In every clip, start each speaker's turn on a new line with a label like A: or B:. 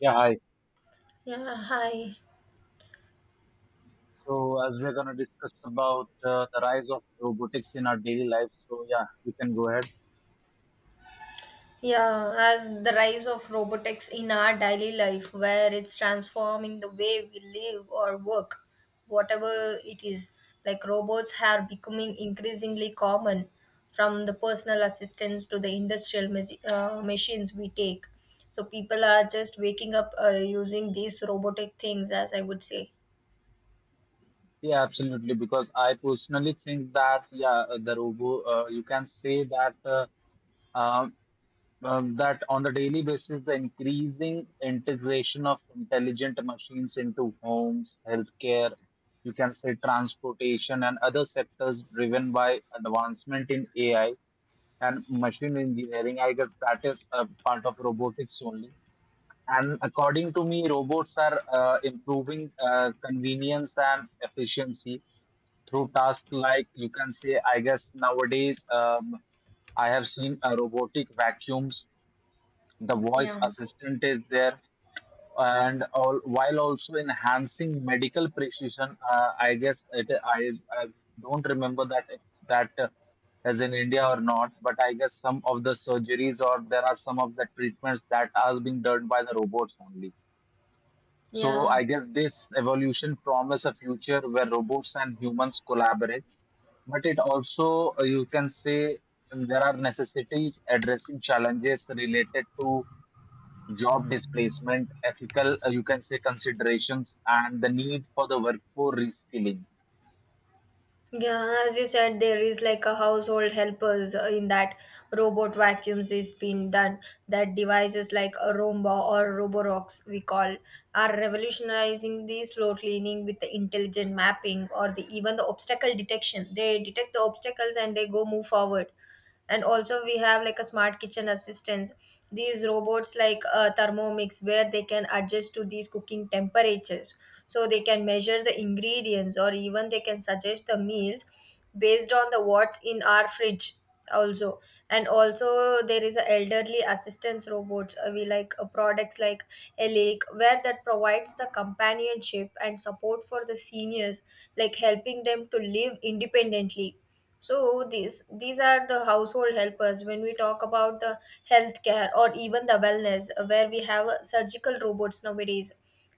A: Yeah, hi.
B: Yeah, hi.
A: So as we're gonna discuss about the rise of robotics in our daily life, so yeah, you can go ahead.
B: Yeah, as the rise of robotics in our daily life, where it's transforming the way we live or work, whatever it is, like robots are becoming increasingly common from the personal assistants to the industrial machines we take. So people are just waking up using these robotic things, as I would say.
A: Yeah, absolutely. Because I personally think that yeah, you can say that um, that on the daily basis, the increasing integration of intelligent machines into homes, healthcare, you can say transportation and other sectors driven by advancement in AI and machine engineering. I guess that is a part of robotics only. And according to me, robots are improving convenience and efficiency through tasks like you can say, I guess nowadays I have seen robotic vacuums, the voice
B: Yeah,
A: assistant is there, and all, while also enhancing medical precision. I don't remember that if that as in India or not, but I guess some of the surgeries or there are some of the treatments that are being done by the robots only. So
B: yeah.
A: I guess this evolution promises a future where robots and humans collaborate, but it also, you can say, there are necessities addressing challenges related to job displacement, ethical, you can say, considerations, and the need for the workforce reskilling.
B: Yeah, as you said, there is like a household helpers in that robot vacuums is being done. That devices like a Roomba or Roborox we call are revolutionizing the slow cleaning with the intelligent mapping or the even the obstacle detection. They detect the obstacles and they go move forward, and also we have like a smart kitchen assistants, these robots like thermomix, where they can adjust to these cooking temperatures so they can measure the ingredients or even they can suggest the meals based on the what's in our fridge also. And also there is a elderly assistance robots, we like products like elec where that provides the companionship and support for the seniors, like helping them to live independently. So these are the household helpers. When we talk about the healthcare or even the wellness, where we have surgical robots nowadays.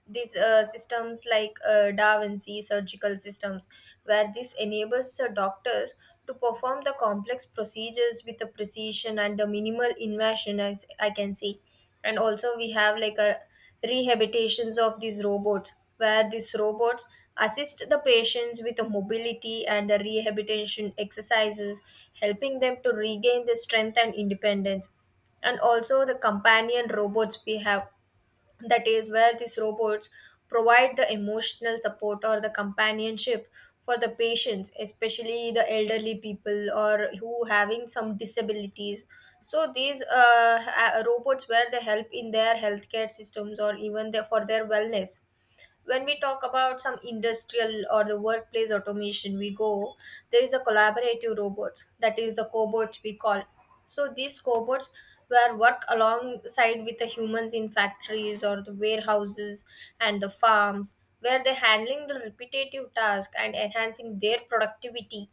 B: These systems like Da Vinci surgical systems, where this enables the doctors to perform the complex procedures with the precision and the minimal invasion, as I can say. And also we have like a rehabilitations of these robots, where these robots assist the patients with the mobility and the rehabilitation exercises, helping them to regain their strength and independence. And also the companion robots we have, that is where these robots provide the emotional support or the companionship for the patients, especially the elderly people or who having some disabilities. So these robots where they help in their healthcare systems or even their, for their wellness. When we talk about some industrial or the workplace automation we go, there is a collaborative robots, that is the cobots we call. So these cobots were work alongside with the humans in factories or the warehouses and the farms, where they're handling the repetitive task and enhancing their productivity.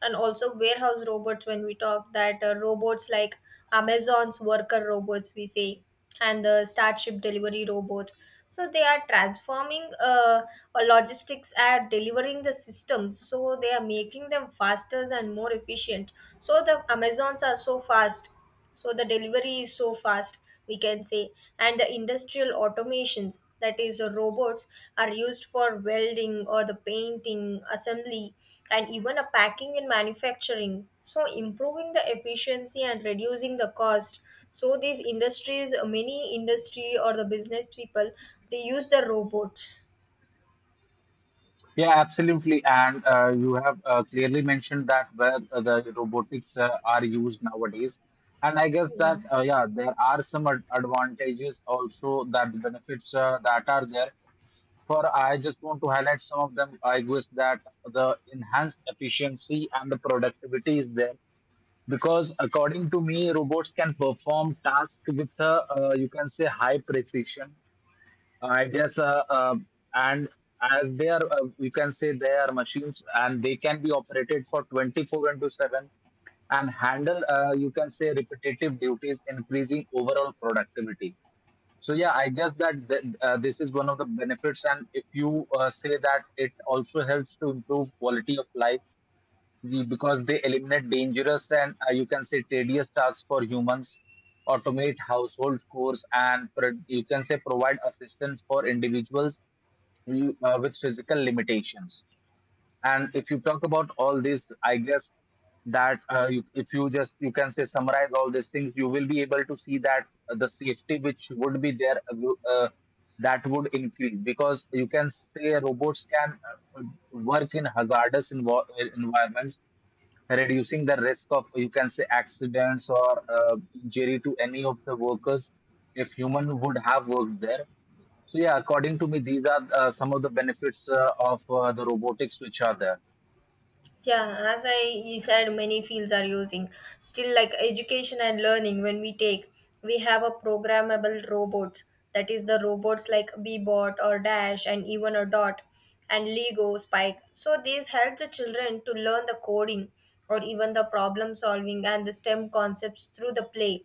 B: And also warehouse robots, when we talk that robots like Amazon's worker robots we say and the Starship delivery robots, so they are transforming logistics are delivering the systems, so they are making them faster and more efficient. So the Amazons are so fast, so the delivery is so fast, we can say. And the industrial automations, that is robots are used for welding or the painting assembly and even a packing and manufacturing, so improving the efficiency and reducing the cost. So these industries, many industry or the business people, they use the robots.
A: Yeah, absolutely. And you have clearly mentioned that where the robotics are used nowadays. And I guess
B: Yeah.
A: that, yeah, there are some ad advantages also that benefits that are there. For I just want to highlight some of them. I guess that the enhanced efficiency and the productivity is there because according to me, robots can perform tasks with, you can say, high precision, I guess, and as they are, we can say they are machines and they can be operated for 24 into 7 and handle, you can say, repetitive duties, increasing overall productivity. So, yeah, I guess that this is one of the benefits. And if you say that it also helps to improve quality of life because they eliminate dangerous and you can say tedious tasks for humans, automate household chores, and you can say provide assistance for individuals who, with physical limitations. And if you talk about all this, I guess that if you just you can say summarize all these things, you will be able to see that the safety which would be there uh, that would increase because you can say robots can uh, work in hazardous environments, reducing the risk of you can say accidents or injury to any of the workers if human would have worked there. So yeah, according to me, these are some of the benefits of the robotics which are there.
B: Yeah, as I said, many fields are using. Still, like education and learning, when we take, we have a programmable robots. That is the robots like Bebot or Dash and even a Dot and Lego Spike. So these help the children to learn the coding or even the problem solving and the STEM concepts through the play.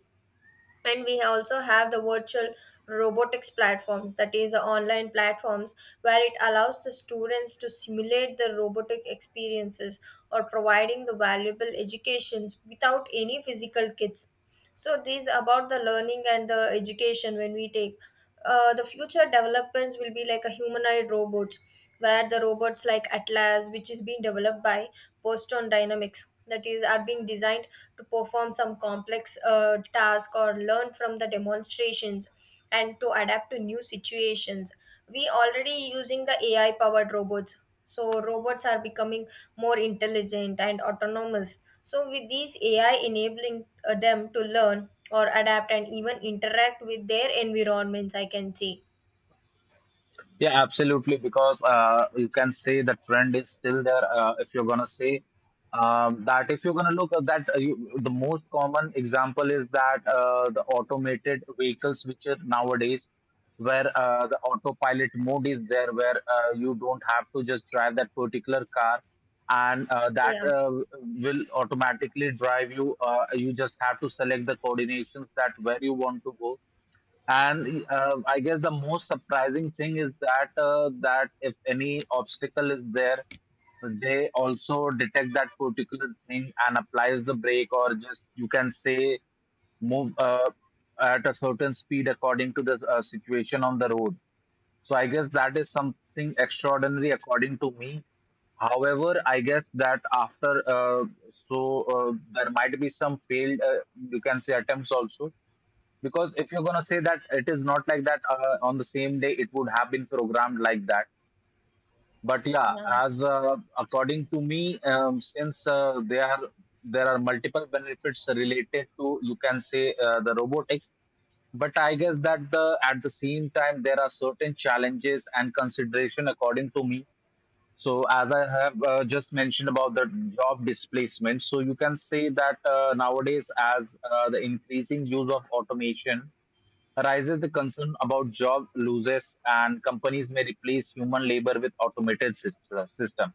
B: And we also have the virtual robotics platforms, that is the online platforms where it allows the students to simulate the robotic experiences or providing the valuable educations without any physical kits. So these about the learning and the education. When we take, the future developments will be like a humanoid robot, where the robots like Atlas, which is being developed by Boston Dynamics, that is are being designed to perform some complex task or learn from the demonstrations and to adapt to new situations. We already using the AI powered robots, so robots are becoming more intelligent and autonomous, so with these AI enabling them to learn or adapt and even interact with their environments, I can say.
A: Yeah, absolutely. Because you can say the trend is still there. If you're gonna say that, if you're gonna look at that, the most common example is that the automated vehicles, which are nowadays, where the autopilot mode is there, where you don't have to just drive that particular car, and that
B: Yeah.
A: will automatically drive you. You just have to select the coordinations that where you want to go, and I guess the most surprising thing is that that if any obstacle is there, they also detect that particular thing and applies the brake, or just you can say move at a certain speed according to the situation on the road. So I guess that is something extraordinary according to me. However, I guess that after there might be some failed you can say attempts also, because if you're going to say that it is not like that on the same day, it would have been programmed like that. But yeah,
B: Yeah,
A: as according to me, since there are multiple benefits related to you can say the robotics, but I guess that the at the same time there are certain challenges and consideration according to me. So as I have just mentioned about the job displacement, so you can say that nowadays as the increasing use of automation rises the concern about job losses and companies may replace human labor with automated system.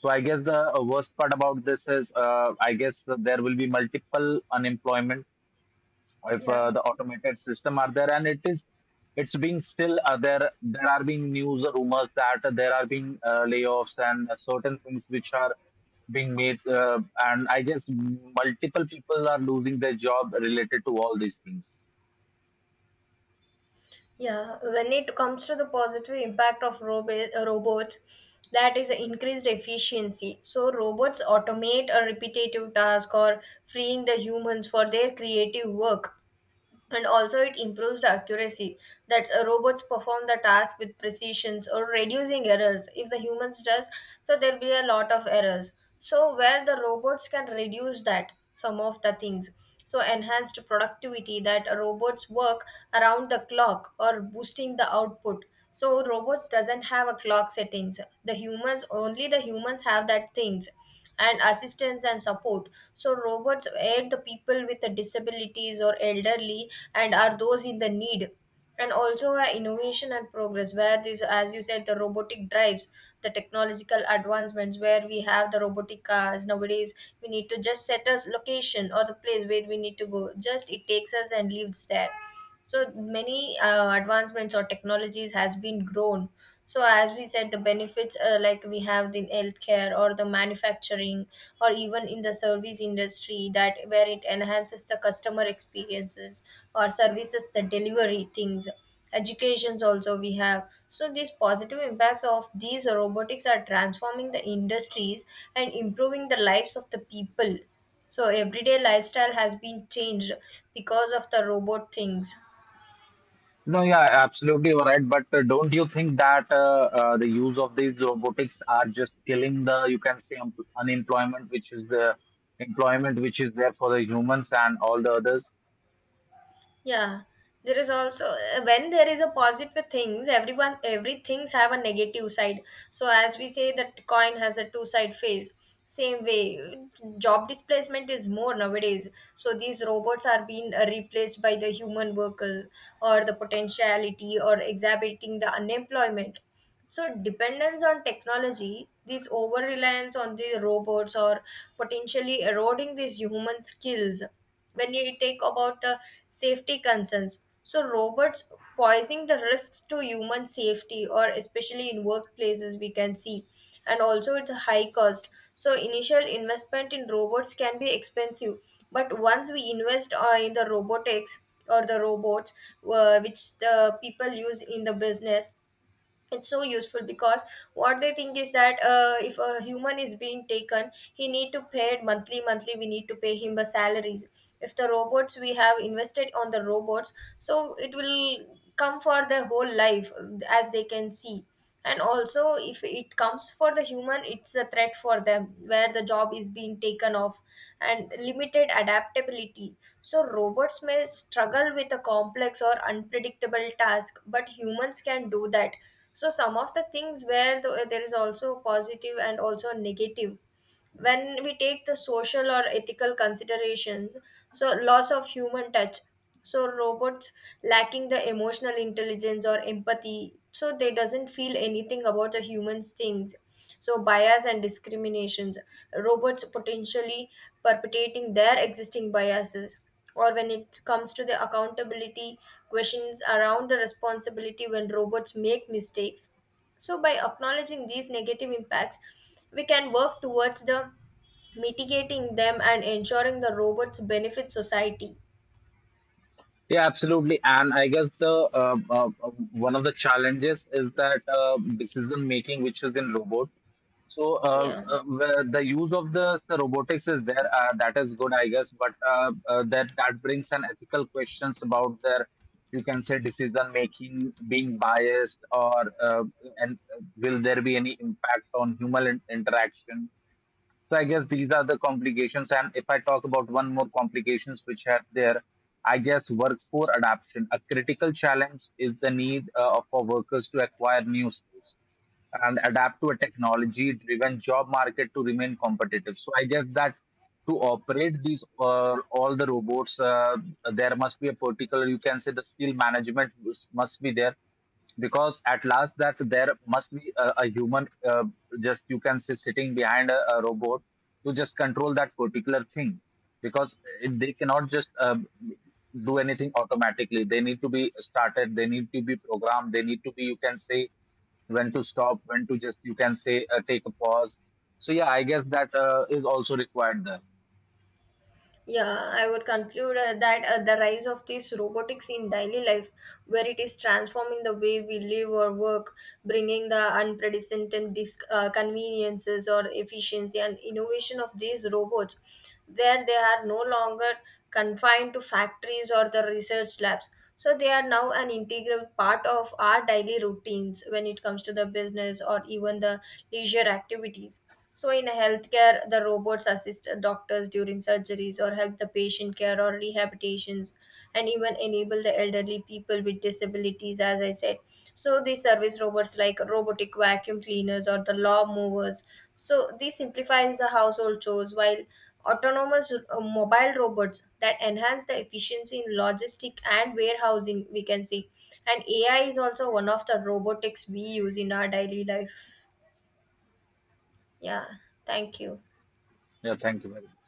A: So I guess the worst part about this is I guess there will be multiple unemployment if
B: yeah,
A: the automated system are there, and it is, it's being still there are being news rumors that there are being layoffs and certain things which are being made, and I guess multiple people are losing their job related to all these things.
B: yeah, when it comes to the positive impact of robots, that is increased efficiency. So robots automate a repetitive task or freeing the humans for their creative work. And also it improves the accuracy, that robots perform the task with precisions or reducing errors if the humans does, so there'll be a lot of errors, so where the robots can reduce that some of the things. So enhanced productivity, that robots work around the clock or boosting the output, so robots doesn't have a clock settings the humans, only the humans have that things. And assistance and support, so robots aid the people with the disabilities or elderly and are those in the need. And also innovation and progress, where this, as you said, the robotic drives the technological advancements, where we have the robotic cars nowadays. We need to just set a location or the place where we need to go, just it takes us and leaves there. So many advancements or technologies has been grown. So as we said, the benefits, like we have in healthcare or the manufacturing or even in the service industry, that where it enhances the customer experiences or services the delivery things, educations also we have. So these positive impacts of these robotics are transforming the industries and improving the lives of the people, so everyday lifestyle has been changed because of the robot things.
A: No, yeah, absolutely you're right. But don't you think that the use of these robotics are just killing the, you can say, unemployment, which is the employment which is there for the humans and all the others?
B: Yeah, there is also, when there is a positive things, everyone every things have a negative side. So as we say that coin has a two side face. Same way, job displacement is more nowadays. So these robots are being replaced by the human workers or the potentiality or exacerbating the unemployment. So, dependence on technology, this over reliance on the robots or potentially eroding these human skills. When you take about the safety concerns, so robots posing the risks to human safety, or especially in workplaces, we can see, and also it's a high cost. So, initial investment in robots can be expensive, but once we invest in the robotics or the robots, which the people use in the business, it's so useful, because what they think is that if a human is being taken, he need to pay it monthly, monthly we need to pay him the salaries. If the robots we have invested on the robots, so it will come for their whole life, as they can see. And also if it comes for the human, it's a threat for them, where the job is being taken off. And limited adaptability, so robots may struggle with a complex or unpredictable task, but humans can do that. So, some of the things where the, there is also positive and also negative. When we take the social or ethical considerations, so loss of human touch, so robots lacking the emotional intelligence or empathy, so they doesn't feel anything about the humans things. So bias and discriminations, robots potentially perpetuating their existing biases. Or when it comes to the accountability, questions around the responsibility when robots make mistakes. So by acknowledging these negative impacts, we can work towards the mitigating them and ensuring the robots benefit society.
A: Yeah, absolutely. And I guess the one of the challenges is that decision making, which is in robot. So
B: Yeah.
A: where the use of the robotics is there. That is good, I guess. But that brings an ethical questions about their, you can say, decision making being biased, or and will there be any impact on human interaction? So I guess these are the complications. And if I talk about one more complications which are there, I guess workforce adaptation. A critical challenge is the need for workers to acquire new skills and adapt to a technology-driven job market to remain competitive. So I guess that to operate these all the robots, there must be a particular, you can say the skill management must be there, because at last that there must be a human, just you can say sitting behind a robot to just control that particular thing, because it, they cannot just do anything automatically. They need to be started, they need to be programmed, they need to be you can say when to stop, when to just you can say take a pause. So yeah, I guess that is also required there.
B: Yeah, I would conclude that the rise of this robotics in daily life, where it is transforming the way we live or work, bringing the unprecedented conveniences or efficiency and innovation of these robots, where they are no longer confined to factories or the research labs. So they are now an integral part of our daily routines when it comes to the business or even the leisure activities. So, in healthcare, the robots assist doctors during surgeries or help the patient care or rehabilitations, and even enable the elderly people with disabilities, as I said. So, these service robots like robotic vacuum cleaners or the law movers. So, this simplifies the household chores, while autonomous mobile robots that enhance the efficiency in logistic and warehousing, we can see. And AI is also one of the robotics we use in our daily life. Yeah, thank you.
A: Yeah, thank you very much.